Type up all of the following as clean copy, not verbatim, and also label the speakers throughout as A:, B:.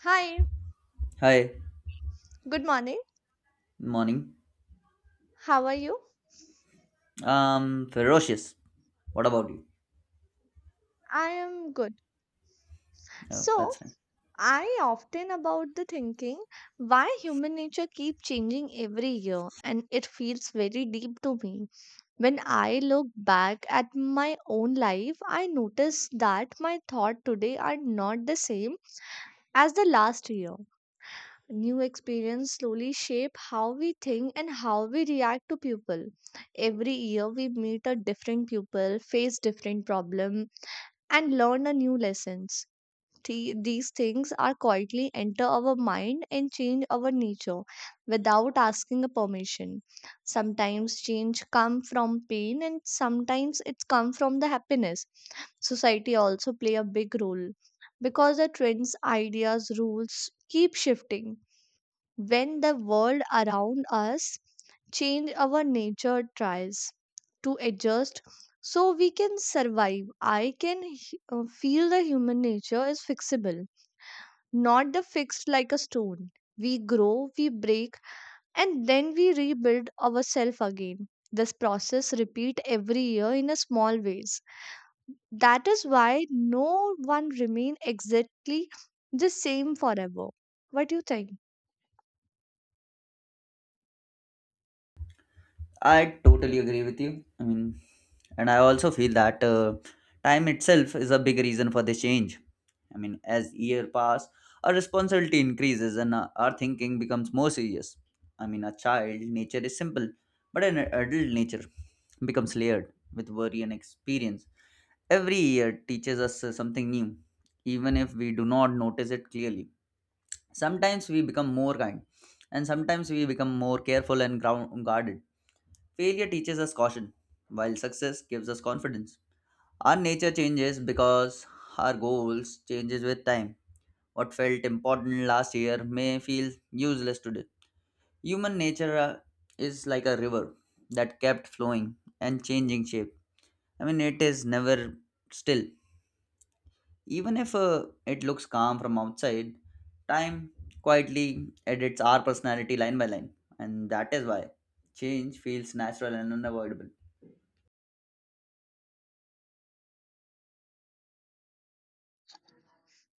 A: Hi,
B: Hi,
A: good morning.
B: morning.
A: How are you?
B: Ferocious. What about you?
A: I am good.
B: Oh, that's
A: So,
B: fine.
A: I often about the thinking why human nature keep changing every year and it feels very deep to me. When I look back at my own life, I notice that my thought today are not the same as the last year. New experience slowly shape how we think and how we react to people. Every year we meet a different people, face different problem and learn a new lessons. These things are quietly enter our mind and change our nature without asking a permission. Sometimes change come from pain and sometimes it's come from the happiness. Society also play a big role because the trends, ideas, rules keep shifting when the world around us change our nature tries to adjust so we can survive. I can feel the human nature is fixable, not the fixed like a stone. We grow, we break, and then we rebuild ourselves again. This process repeat every year in a small ways. That is why no one remain exactly the same forever. What do you think?
B: I totally agree with you. I mean, and I also feel that time itself is a big reason for this change. I mean, as year pass, our responsibility increases and our thinking becomes more serious. I mean, a child nature is simple, but an adult nature becomes layered with worry and experience. Every year teaches us something new, even if we do not notice it clearly. Sometimes we become more kind, and sometimes we become more careful and guarded. Failure teaches us caution, while success gives us confidence. Our nature changes because our goals changes with time. What felt important last year may feel useless today. Human nature is like a river that kept flowing and changing shape. I mean, it is never still. Even if it looks calm from outside, time quietly edits our personality line by line, and that is why change feels natural and unavoidable.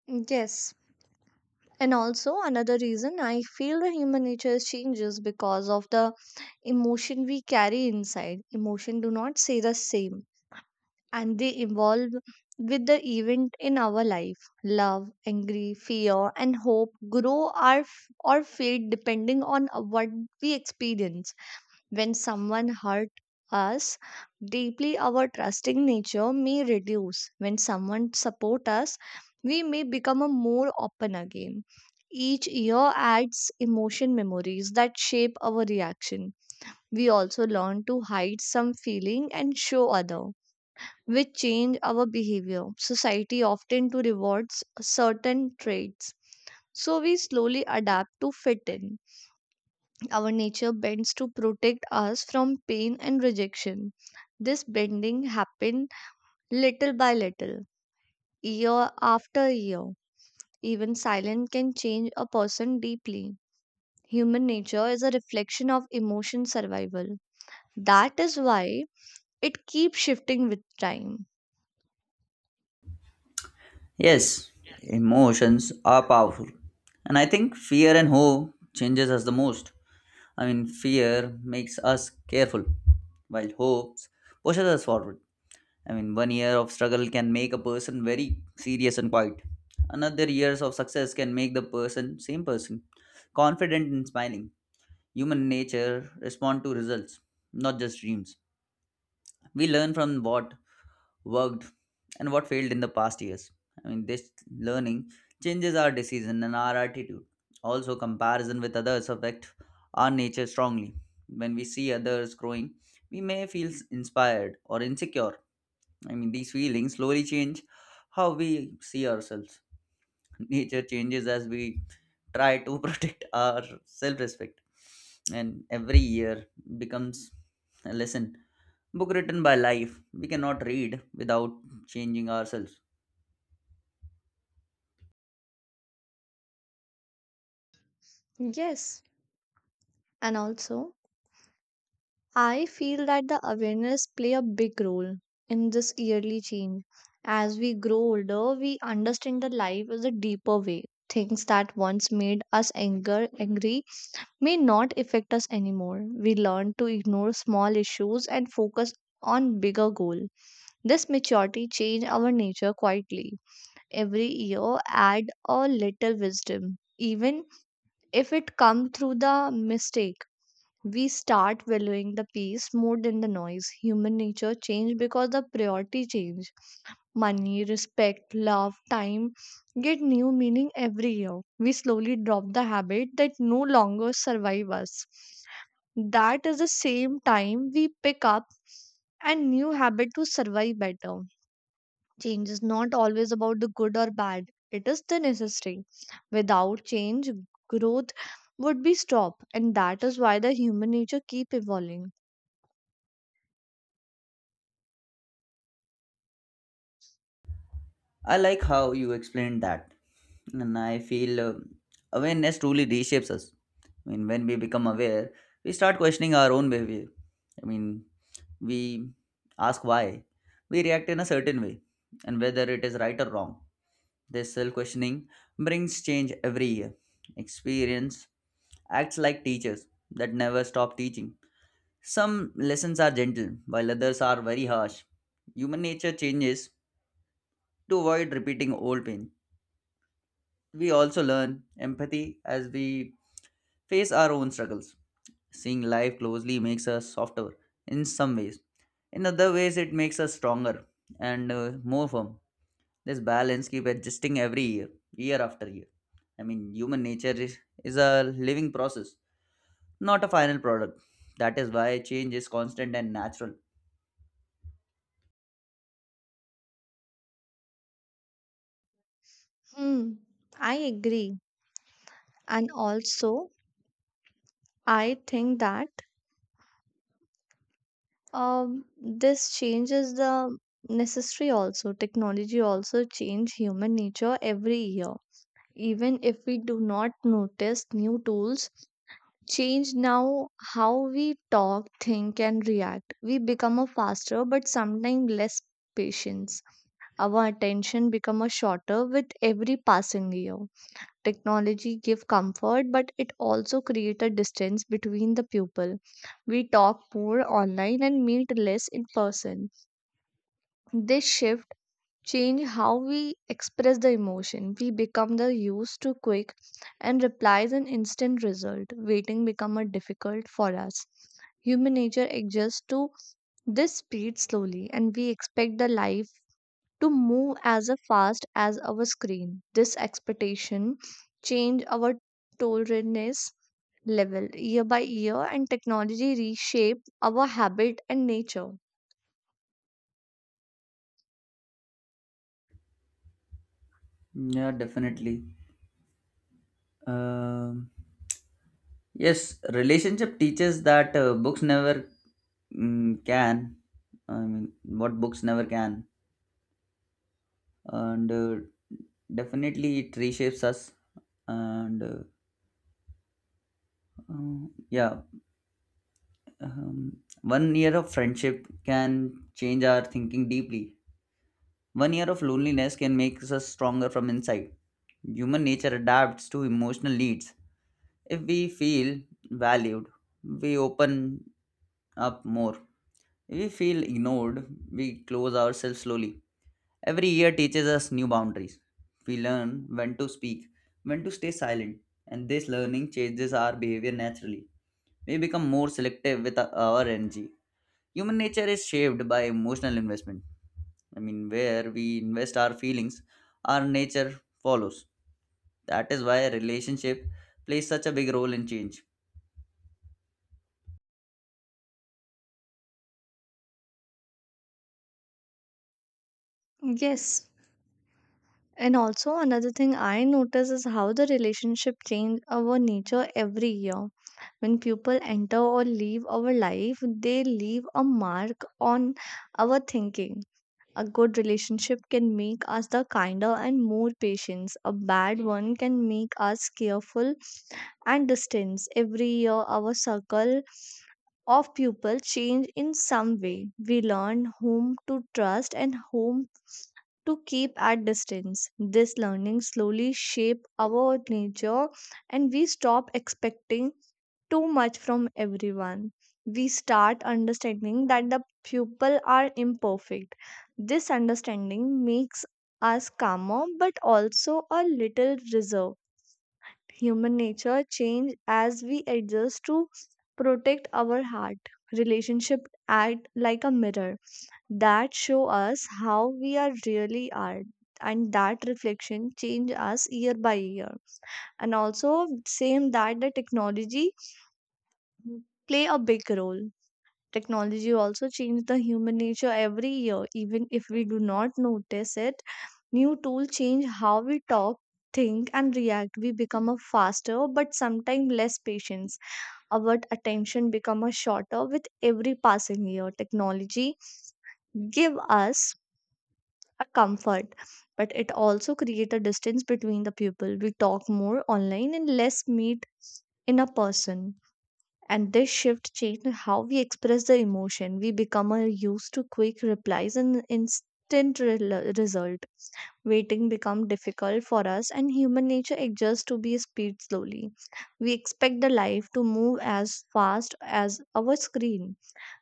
A: Yes, and also another reason I feel the human nature is changes because of the emotion we carry inside. Emotion do not stay the same and they evolve with the event in our life. Love, angry, fear, and hope grow our f- or fade depending on what we experience. When someone hurt us deeply, our trusting nature may reduce. When someone support us, we may become a more open again. Each year adds emotion memories that shape our reaction. We also learn to hide some feeling and show other, which change our behavior. Society often to rewards certain traits, so we slowly adapt to fit in. Our nature bends to protect us from pain and rejection. This bending happened little by little, year after year. Even silence can change a person deeply. Human nature is a reflection of emotion survival. That is why it keeps shifting with time.
B: Yes, emotions are powerful, and I think fear and hope changes us the most. I mean, fear makes us careful, while hopes pushes us forward. I mean, one year of struggle can make a person very serious and quiet. Another years of success can make the person same person confident and smiling. Human nature respond to results, not just dreams. We learn from what worked and what failed in the past years. I mean, this learning changes our decision and our attitude. Also, comparison with others affect our nature strongly. When we see others growing, we may feel inspired or insecure. I mean, these feelings slowly change how we see ourselves. Nature changes as we try to protect our self respect, and every year becomes a lesson. Book written by life, we cannot read without changing ourselves.
A: Yes, and also, I feel that the awareness play a big role in this yearly change. As we grow older, we understand that life is a deeper way. Things that once made us anger angry may not affect us anymore. We learn to ignore small issues and focus on bigger goal. This maturity change our nature quietly. Every year add a little wisdom, even if it come through the mistake. We start valuing the peace more than the noise. Human nature change because the priority change. Money, respect, love, time get new meaning every year. We slowly drop the habit that no longer survive us. That is the same time we pick up a new habit to survive better. Change is not always about the good or bad, it is the necessary. Without change, growth would be stopped, and that is why the human nature keep evolving.
B: I like how you explained that, and I feel awareness truly reshapes us. I mean, when we become aware, we start questioning our own behavior. I mean, we ask why. We react in a certain way, and whether it is right or wrong. This self questioning brings change every year. Experience acts like teachers that never stop teaching. Some lessons are gentle, while others are very harsh. Human nature changes to avoid repeating old pain. We also learn empathy as we face our own struggles. Seeing life closely makes us softer in some ways. In other ways, it makes us stronger and more firm. This balance keep adjusting every year, year after year. I mean, human nature is a living process, not a final product. That is why change is constant and natural.
A: Hmm, I agree. And also, I think that this change is the necessary also. Technology also change human nature every year. Even if we do not notice, new tools change now how we talk, think, and react. We become a faster, but sometimes less patience. Our attention become a shorter with every passing year. Technology give comfort, but it also create a distance between the people. We talk more online and meet less in person. This shift change how we express the emotion. We become the used to quick and replies an instant result. Waiting become a difficult for us. Human nature adjusts to this speed slowly and we expect the life to move as a fast as our screen. This expectation change our tolerance level year by year and technology reshape our habit and nature.
B: Yeah, definitely. Um yes, relationship teaches that books never can. I mean, what books never can and definitely it reshapes us and yeah. One year of friendship can change our thinking deeply. One year of loneliness can make us stronger from inside. Human nature adapts to emotional needs. If we feel valued, we open up more. If we feel ignored, we close ourselves slowly. Every year teaches us new boundaries. We learn when to speak, when to stay silent, and this learning changes our behavior naturally. We become more selective with our energy. Human nature is shaped by emotional investment. I mean, where we invest our feelings, our nature follows. That is why a relationship plays such a big role in change.
A: Yes, and also another thing I notice is how the relationship change our nature every year. When people enter or leave our life, they leave a mark on our thinking. A good relationship can make us the kinder and more patient. A bad one can make us careful and distant. Every year our circle of people change in some way. We learn whom to trust and whom to keep at distance. This learning slowly shape our nature and we stop expecting too much from everyone. We start understanding that the people are imperfect. This understanding makes us calmer but also a little reserved. Human nature change as we adjust to protect our heart. Relationship act like a mirror that show us how we are really are, and that reflection change us year by year. And also same that the technology play a big role. Technology also change the human nature every year, even if we do not notice it. New tool change how we talk, think, and react. We become a faster but sometimes less patience. Our attention become a shorter with every passing year. Technology give us a comfort, but it also creates a distance between the people. We talk more online and less meet in a person. And this shift changed how we express the emotion. We become used to quick replies and instant result. Waiting become difficult for us, and human nature adjusts to be speed slowly. We expect the life to move as fast as our screen.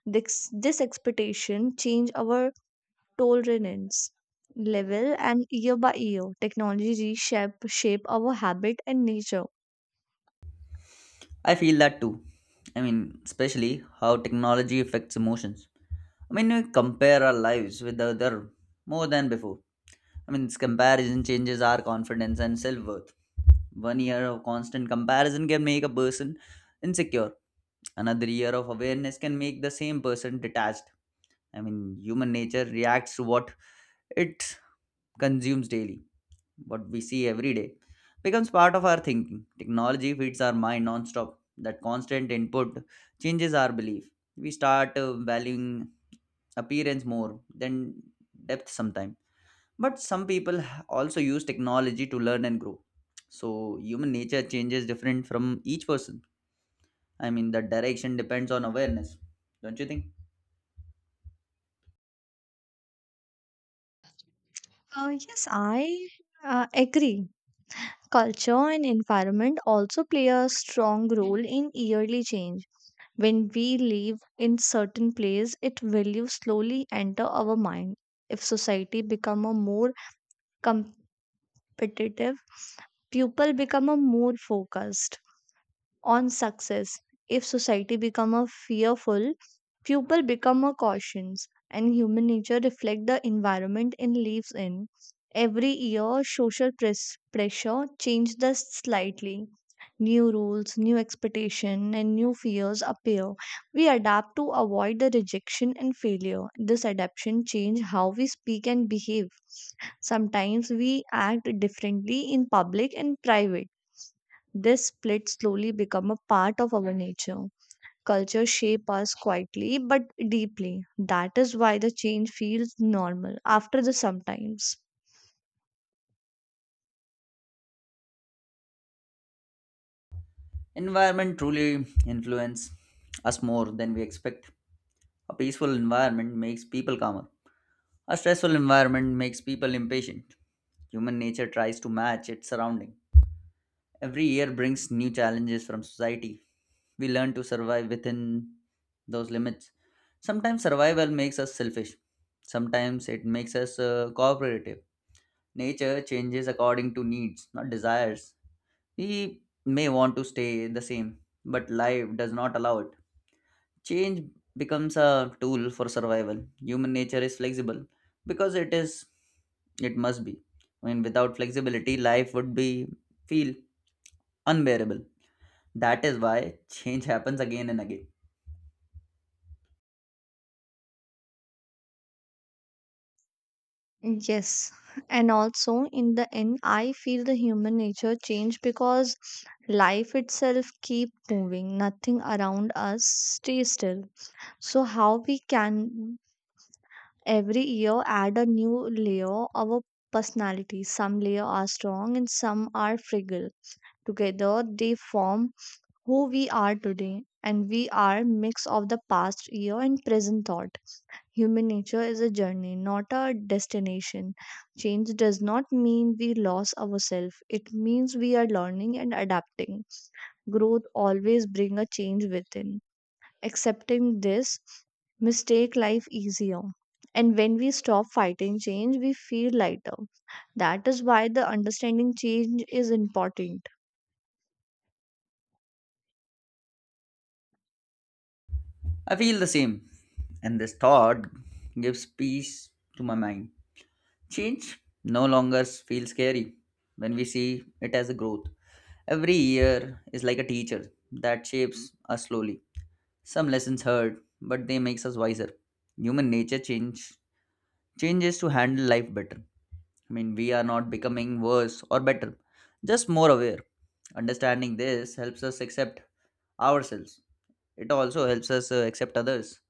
A: This expectation change our tolerance level, and year by year technology reshape shape our habit and nature.
B: I feel that too. I mean, especially how technology affects emotions. I mean, we compare our lives with the other more than before. I mean, this comparison changes our confidence and self worth. One year of constant comparison can make a person insecure. Another year of awareness can make the same person detached. I mean, human nature reacts to what it consumes daily. What we see every day becomes part of our thinking. Technology feeds our mind non-stop. That constant input changes our belief. We start valuing appearance more than depth sometimes, but some people also use technology to learn and grow. So human nature changes different from each person. I mean, the direction depends on awareness, don't you think?
A: Yes, I agree. Culture and environment also play a strong role in yearly change. When we live in certain place it values slowly enter our mind. If society become a more competitive, people become a more focused on success. If society become a fearful, people become a cautious, and human nature reflect the environment it lives in. Every year, social pressure changes the slightly. New rules, new expectation, and new fears appear. We adapt to avoid the rejection and failure. This adaptation change how we speak and behave. Sometimes we act differently in public and private. This split slowly become a part of our nature. Culture shape us quietly but deeply. That is why the change feels normal after the sometimes.
B: Environment truly influence us more than we expect. A peaceful environment makes people calmer. A stressful environment makes people impatient. Human nature tries to match its surrounding. Every year brings new challenges from society. We learn to survive within those limits. Sometimes survival makes us selfish. Sometimes it makes us cooperative. Nature changes according to needs, not desires. We may want to stay the same, but life does not allow it. Change becomes a tool for survival. Human nature is flexible because it must be. I mean, without flexibility life would be feel unbearable. That is why change happens again and again.
A: Yes, and also in the end, I feel the human nature change because life itself keep moving. Nothing around us stay still. So how we can every year add a new layer of our personality. Some layer are strong and some are fragile. Together, they form who we are today, and we are mix of the past year and present thought. Human nature is a journey, not a destination. Change does not mean we lost ourselves. It means we are learning and adapting. Growth always bring a change within. Accepting this mistake life easier. And when we stop fighting change, we feel lighter. That is why the understanding change is important.
B: I feel the same, and this thought gives peace to my mind. Change no longer feels scary when we see it as a growth. Every year is like a teacher that shapes us slowly. Some lessons hurt, but they makes us wiser. Human nature changes to handle life better. I mean, we are not becoming worse or better, just more aware. Understanding this helps us accept ourselves. It also helps us accept others.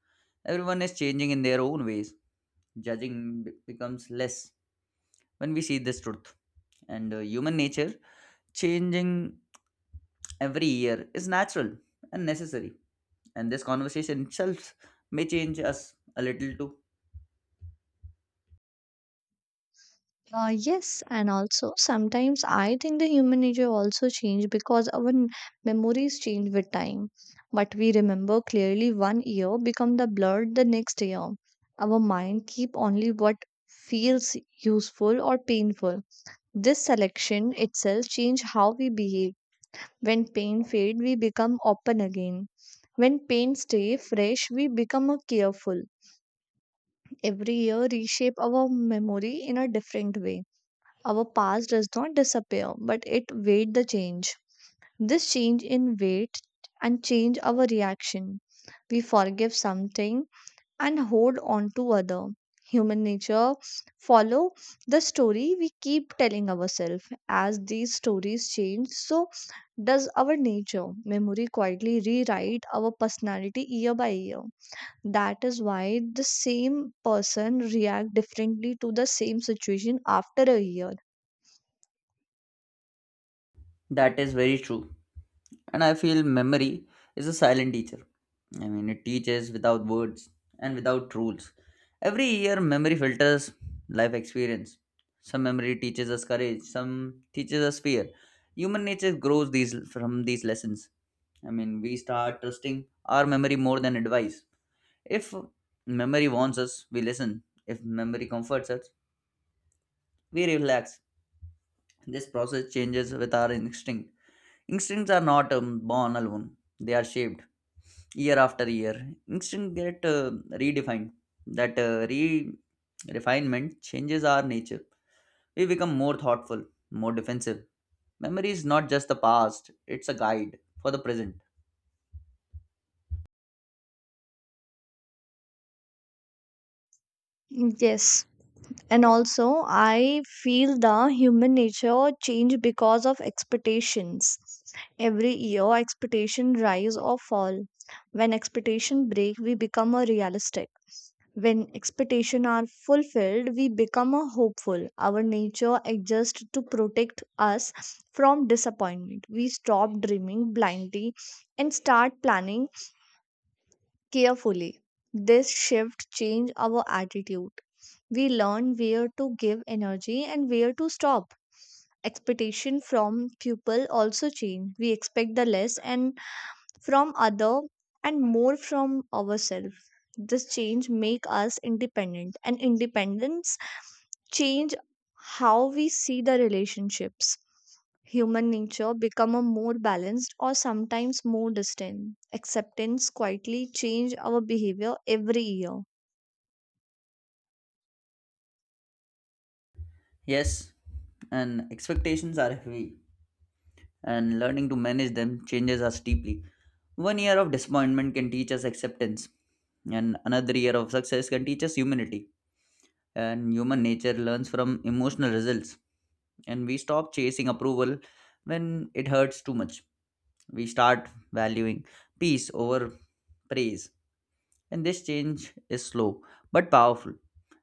B: Everyone is changing in their own ways. Judging becomes less when we see this truth, and human nature changing every year is natural and necessary, and this conversation itself may change us a little too.
A: Yes, and also sometimes I think the human nature also change because memories change with time. But we remember clearly one year become the blurred the next year. Our mind keep only what feels useful or painful. This selection itself change how we behave. When pain fade, we become open again. When pain stay fresh, we become careful. Every year reshape our memory in a different way. Our past does not disappear, but it weight the change. This change in weight and change our reaction. We forgive something and hold on to other. Human nature follow the story we keep telling ourselves. As these stories change, so does our nature. Memory quietly rewrite our personality year by year. That is why the same person react differently to the same situation after a year.
B: That is very true. And I feel memory is a silent teacher. I mean, it teaches without words and without rules. Every year, memory filters life experience. Some memory teaches us courage, some teaches us fear. Human nature grows these from these lessons. I mean, we start trusting our memory more than advice. If memory warns us, we listen. If memory comforts us, we relax. This process changes with our instinct. Instincts are not born alone, they are shaped year after year. Instinct get redefined. That uh, re refinement changes our nature. We become more thoughtful, more defensive. Memory is not just the past, it's a guide for the present.
A: Yes, and also I feel the human nature change because of expectations. Every year, expectation rise or fall. When expectation break, we become a realistic. When expectation are fulfilled, we become a hopeful. Our nature adjusts to protect us from disappointment. We stop dreaming blindly and start planning carefully. This shift changed our attitude. We learn where to give energy and where to stop. Expectation from people also change. We expect the less and from other and more from ourselves. This change make us independent, and independence change how we see the relationships. Human nature become a more balanced or sometimes more distant. Acceptance quietly change our behavior every year.
B: Yes, and expectations are heavy, and learning to manage them changes us deeply. One year of disappointment can teach us acceptance, and another year of success can teach us humility, and human nature learns from emotional results, and we stop chasing approval when it hurts too much. We start valuing peace over praise. And this change is slow but powerful.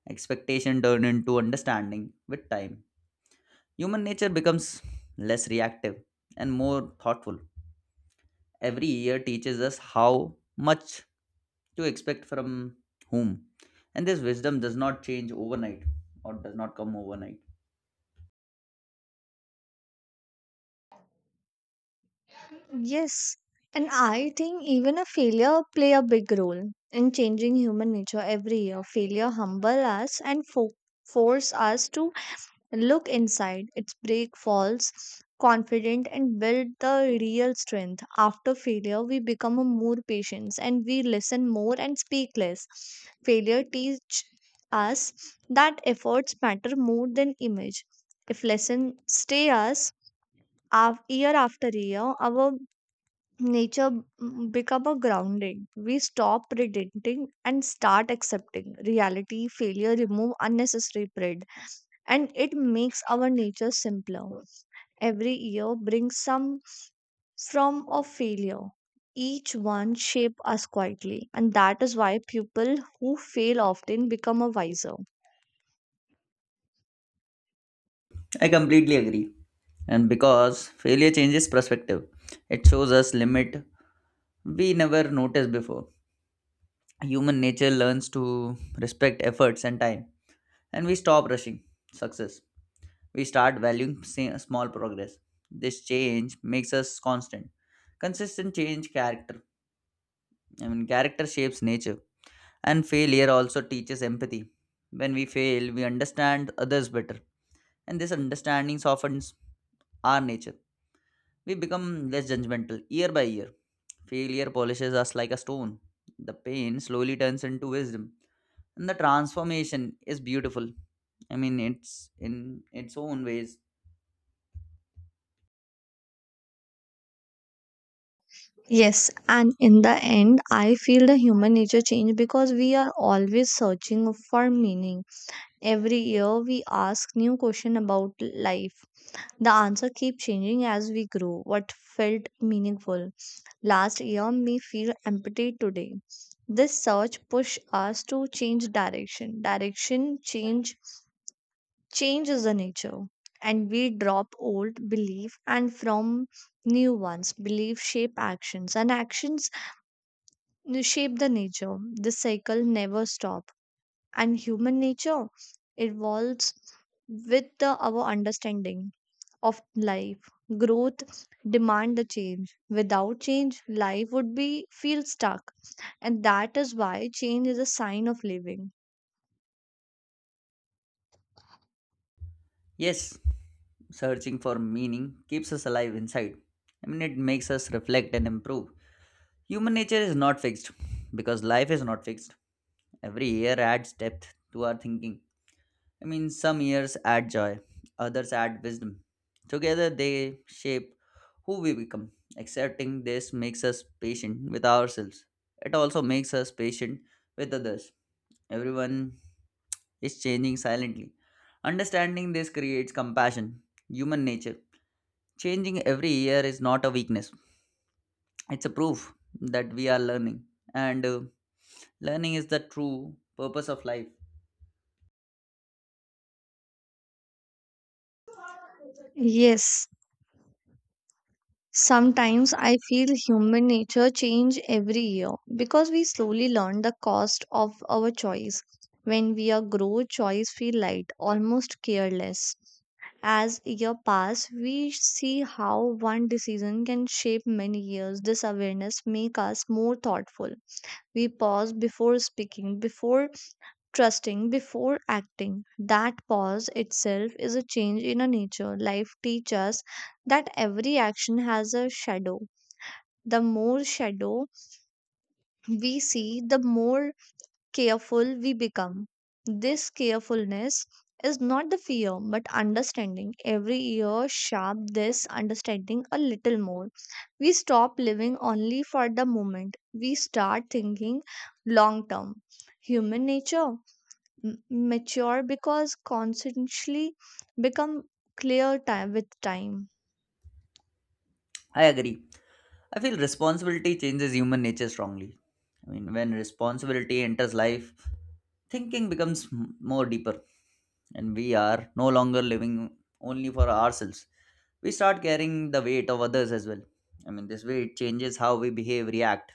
B: Expectation turn into understanding with time. Human nature becomes less reactive and more thoughtful. Every year teaches us how much to expect from whom. And this wisdom does not change overnight, or does not come overnight.
A: Yes, and I think even a failure play a big role in changing human nature every year. Failure humble us and force us to look inside. Its break falls confident and build the real strength. After failure, we become a more patient and we listen more and speak less. Failure teach us that efforts matter more than image. If lesson stay us year after year, our nature become a grounding. We stop pretending and start accepting reality. Failure remove unnecessary pride and it makes our nature simpler. Every year brings some form of failure. Each one shape us quietly, and that is why people who fail often become a wiser.
B: I completely agree. And because failure changes perspective, it shows us limit we never noticed before. Human nature learns to respect efforts and time, and we stop rushing success. We start valuing small progress. This change makes us constant. Consistent change character. I mean, character shapes nature, and failure also teaches empathy. When we fail, we understand others better, and this understanding softens our nature. We become less judgmental year by year. Failure polishes us like a stone. The pain slowly turns into wisdom. And the transformation is beautiful. I mean, it's in its own ways.
A: Yes, and in the end, I feel the human nature change because we are always searching for meaning. Every year, we ask new question about life. The answer keep changing as we grow. What felt meaningful last year may feel empty today. This search push us to change direction. Direction change is the nature. And we drop old belief and from new ones. Belief shape actions and actions shape the nature. This cycle never stop. And human nature evolves with our understanding of life. Growth demand the change. Without change, life would be feel stuck. And that is why change is a sign of living.
B: Yes, searching for meaning keeps us alive inside. I mean, it makes us reflect and improve. Human nature is not fixed because life is not fixed. Every year adds depth to our thinking. I mean, some years add joy, others add wisdom. Together they shape who we become. Accepting this makes us patient with ourselves. It also makes us patient with others. Everyone is changing silently. Understanding this creates compassion, human nature. Changing every year is not a weakness, it's a proof that we are learning. And learning is the true purpose of life.
A: Yes. Sometimes I feel human nature change every year because we slowly learn the cost of our choice. When we are grow, choice feel light, almost careless. As year pass, we see how one decision can shape many years. This awareness make us more thoughtful. We pause before speaking, before trusting, before acting. That pause itself is a change in a nature. Life teaches us that every action has a shadow. The more shadow we see, the more careful we become. This carefulness is not the fear but understanding. Every year, sharp this understanding a little more. We stop living only for the moment, we start thinking long term. Human nature m- mature because constantly become clear time with time.
B: I agree. I feel responsibility changes human nature strongly. I mean, when responsibility enters life, thinking becomes more deeper, and we are no longer living only for ourselves. We start carrying the weight of others as well. I mean, this way it changes how we behave, react,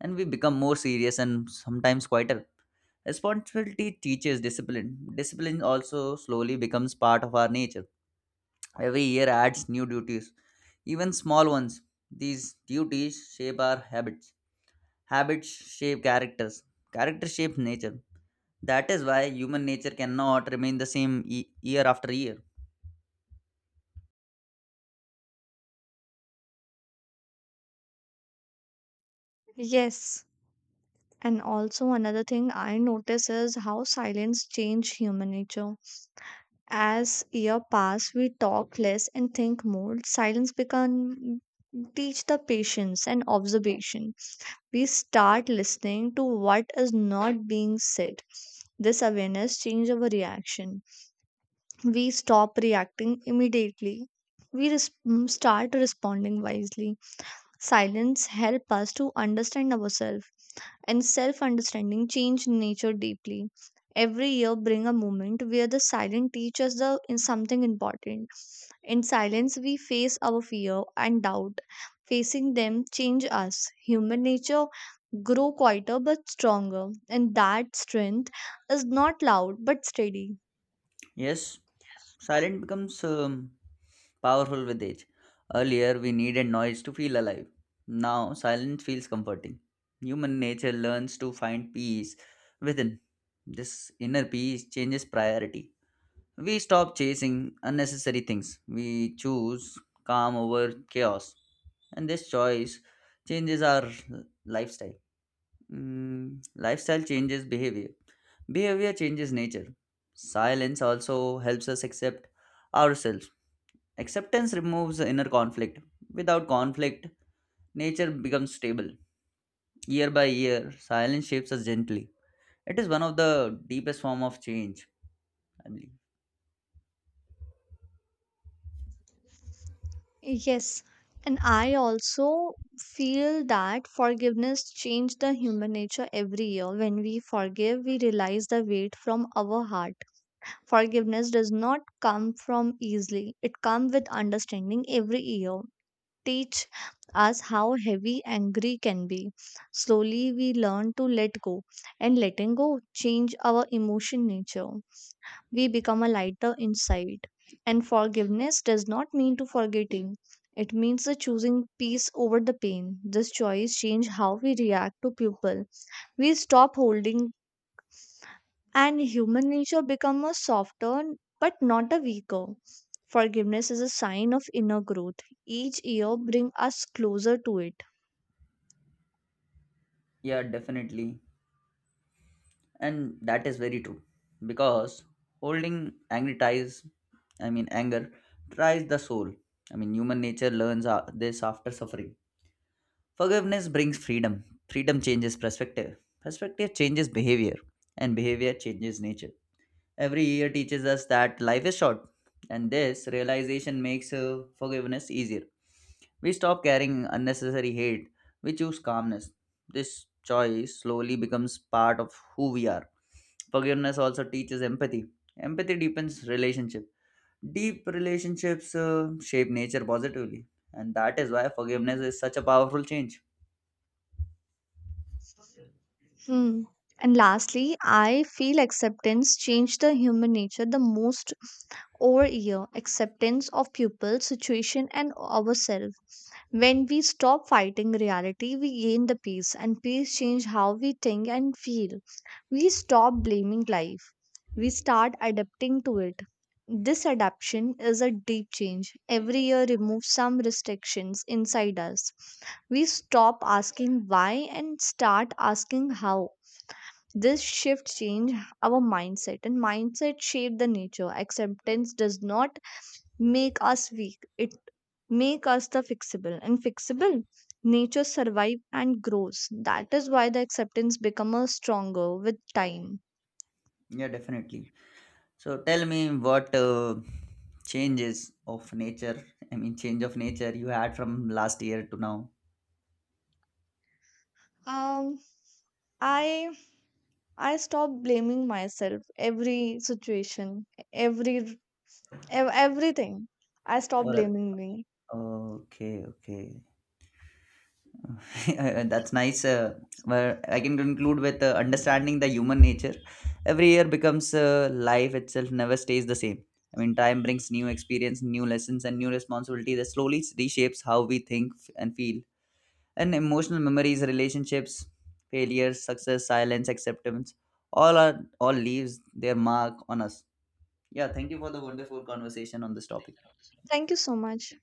B: and we become more serious and sometimes quieter. Responsibility teaches discipline. Discipline also slowly becomes part of our nature. Every year adds new duties, even small ones. These duties shape our habits. Habits shape characters. Character shapes nature. That is why human nature cannot remain the same year after year.
A: Yes, and also another thing I notice is how silence change human nature. As year pass, we talk less and think more. Silence become teach the patience and observation. We start listening to what is not being said. This awareness change our reaction. We stop reacting immediately. Start responding wisely. Silence help us to understand ourselves and self-understanding change nature deeply. Every year bring a moment where the silent teaches the in something important. In silence, we face our fear and doubt. Facing them change us. Human nature grow quieter but stronger, and that strength is not loud but steady.
B: Yes, silence becomes powerful with age. Earlier, we needed noise to feel alive. Now, silence feels comforting. Human nature learns to find peace within. This inner peace changes priority. We stop chasing unnecessary things. We choose calm over chaos. And this choice changes our lifestyle. Lifestyle changes behavior. Behavior changes nature. Silence also helps us accept ourselves. Acceptance removes inner conflict. Without conflict, nature becomes stable. Year by year, silence shapes us gently. It is one of the deepest form of change, I believe.
A: Yes, and I also feel that forgiveness changed the human nature every year. When we forgive, we realize the weight from our heart. Forgiveness does not come from easily; it comes with understanding every year. Teach us how heavy angry can be. Slowly, we learn to let go, and letting go change our emotion nature. We become a lighter inside. And forgiveness does not mean to forgetting. It means the choosing peace over the pain. This choice change how we react to people. We stop holding, and human nature become a softer but not a weaker. Forgiveness is a sign of inner growth. Each year bring us closer to it.
B: Yeah, definitely. And that is very true. Because holding angry ties, I mean anger, tries the soul. I mean human nature learns this after suffering. Forgiveness brings freedom. Freedom changes perspective. Perspective changes behavior. And behavior changes nature. Every year teaches us that life is short. And this realization makes forgiveness easier. We stop carrying unnecessary hate. We choose calmness. This choice slowly becomes part of who we are. Forgiveness also teaches empathy. Empathy deepens relationship. Deep relationships shape nature positively. And that is why forgiveness is such a powerful change.
A: Hmm. And lastly, I feel acceptance changed the human nature the most over year. Acceptance of people, situation, and ourselves. When we stop fighting reality, we gain the peace, and peace change how we think and feel. We stop blaming life. We start adapting to it. This adaptation is a deep change. Every year removes some restrictions inside us. We stop asking why and start asking how this shift changed our mindset, and mindset shaped the nature. Acceptance does not make us weak; it make us the fixable. And fixable, nature survive and grows. That is why the acceptance become a stronger with time.
B: Yeah, definitely. So tell me what changes of nature, I mean, change of nature you had from last year to now.
A: Um, I I stopped blaming myself every situation, every everything. I stopped
B: For
A: blaming
B: a-
A: me.
B: okay, okay, that's nice. Where I can conclude with understanding the human nature. Every year becomes life itself never stays the same. I mean, time brings new experience, new lessons, and new responsibility that slowly reshapes how we think and feel. And emotional memories, relationships, failures, success, silence, acceptance, all leaves their mark on us. Yeah, thank you for the wonderful conversation on this topic.
A: Thank you so much.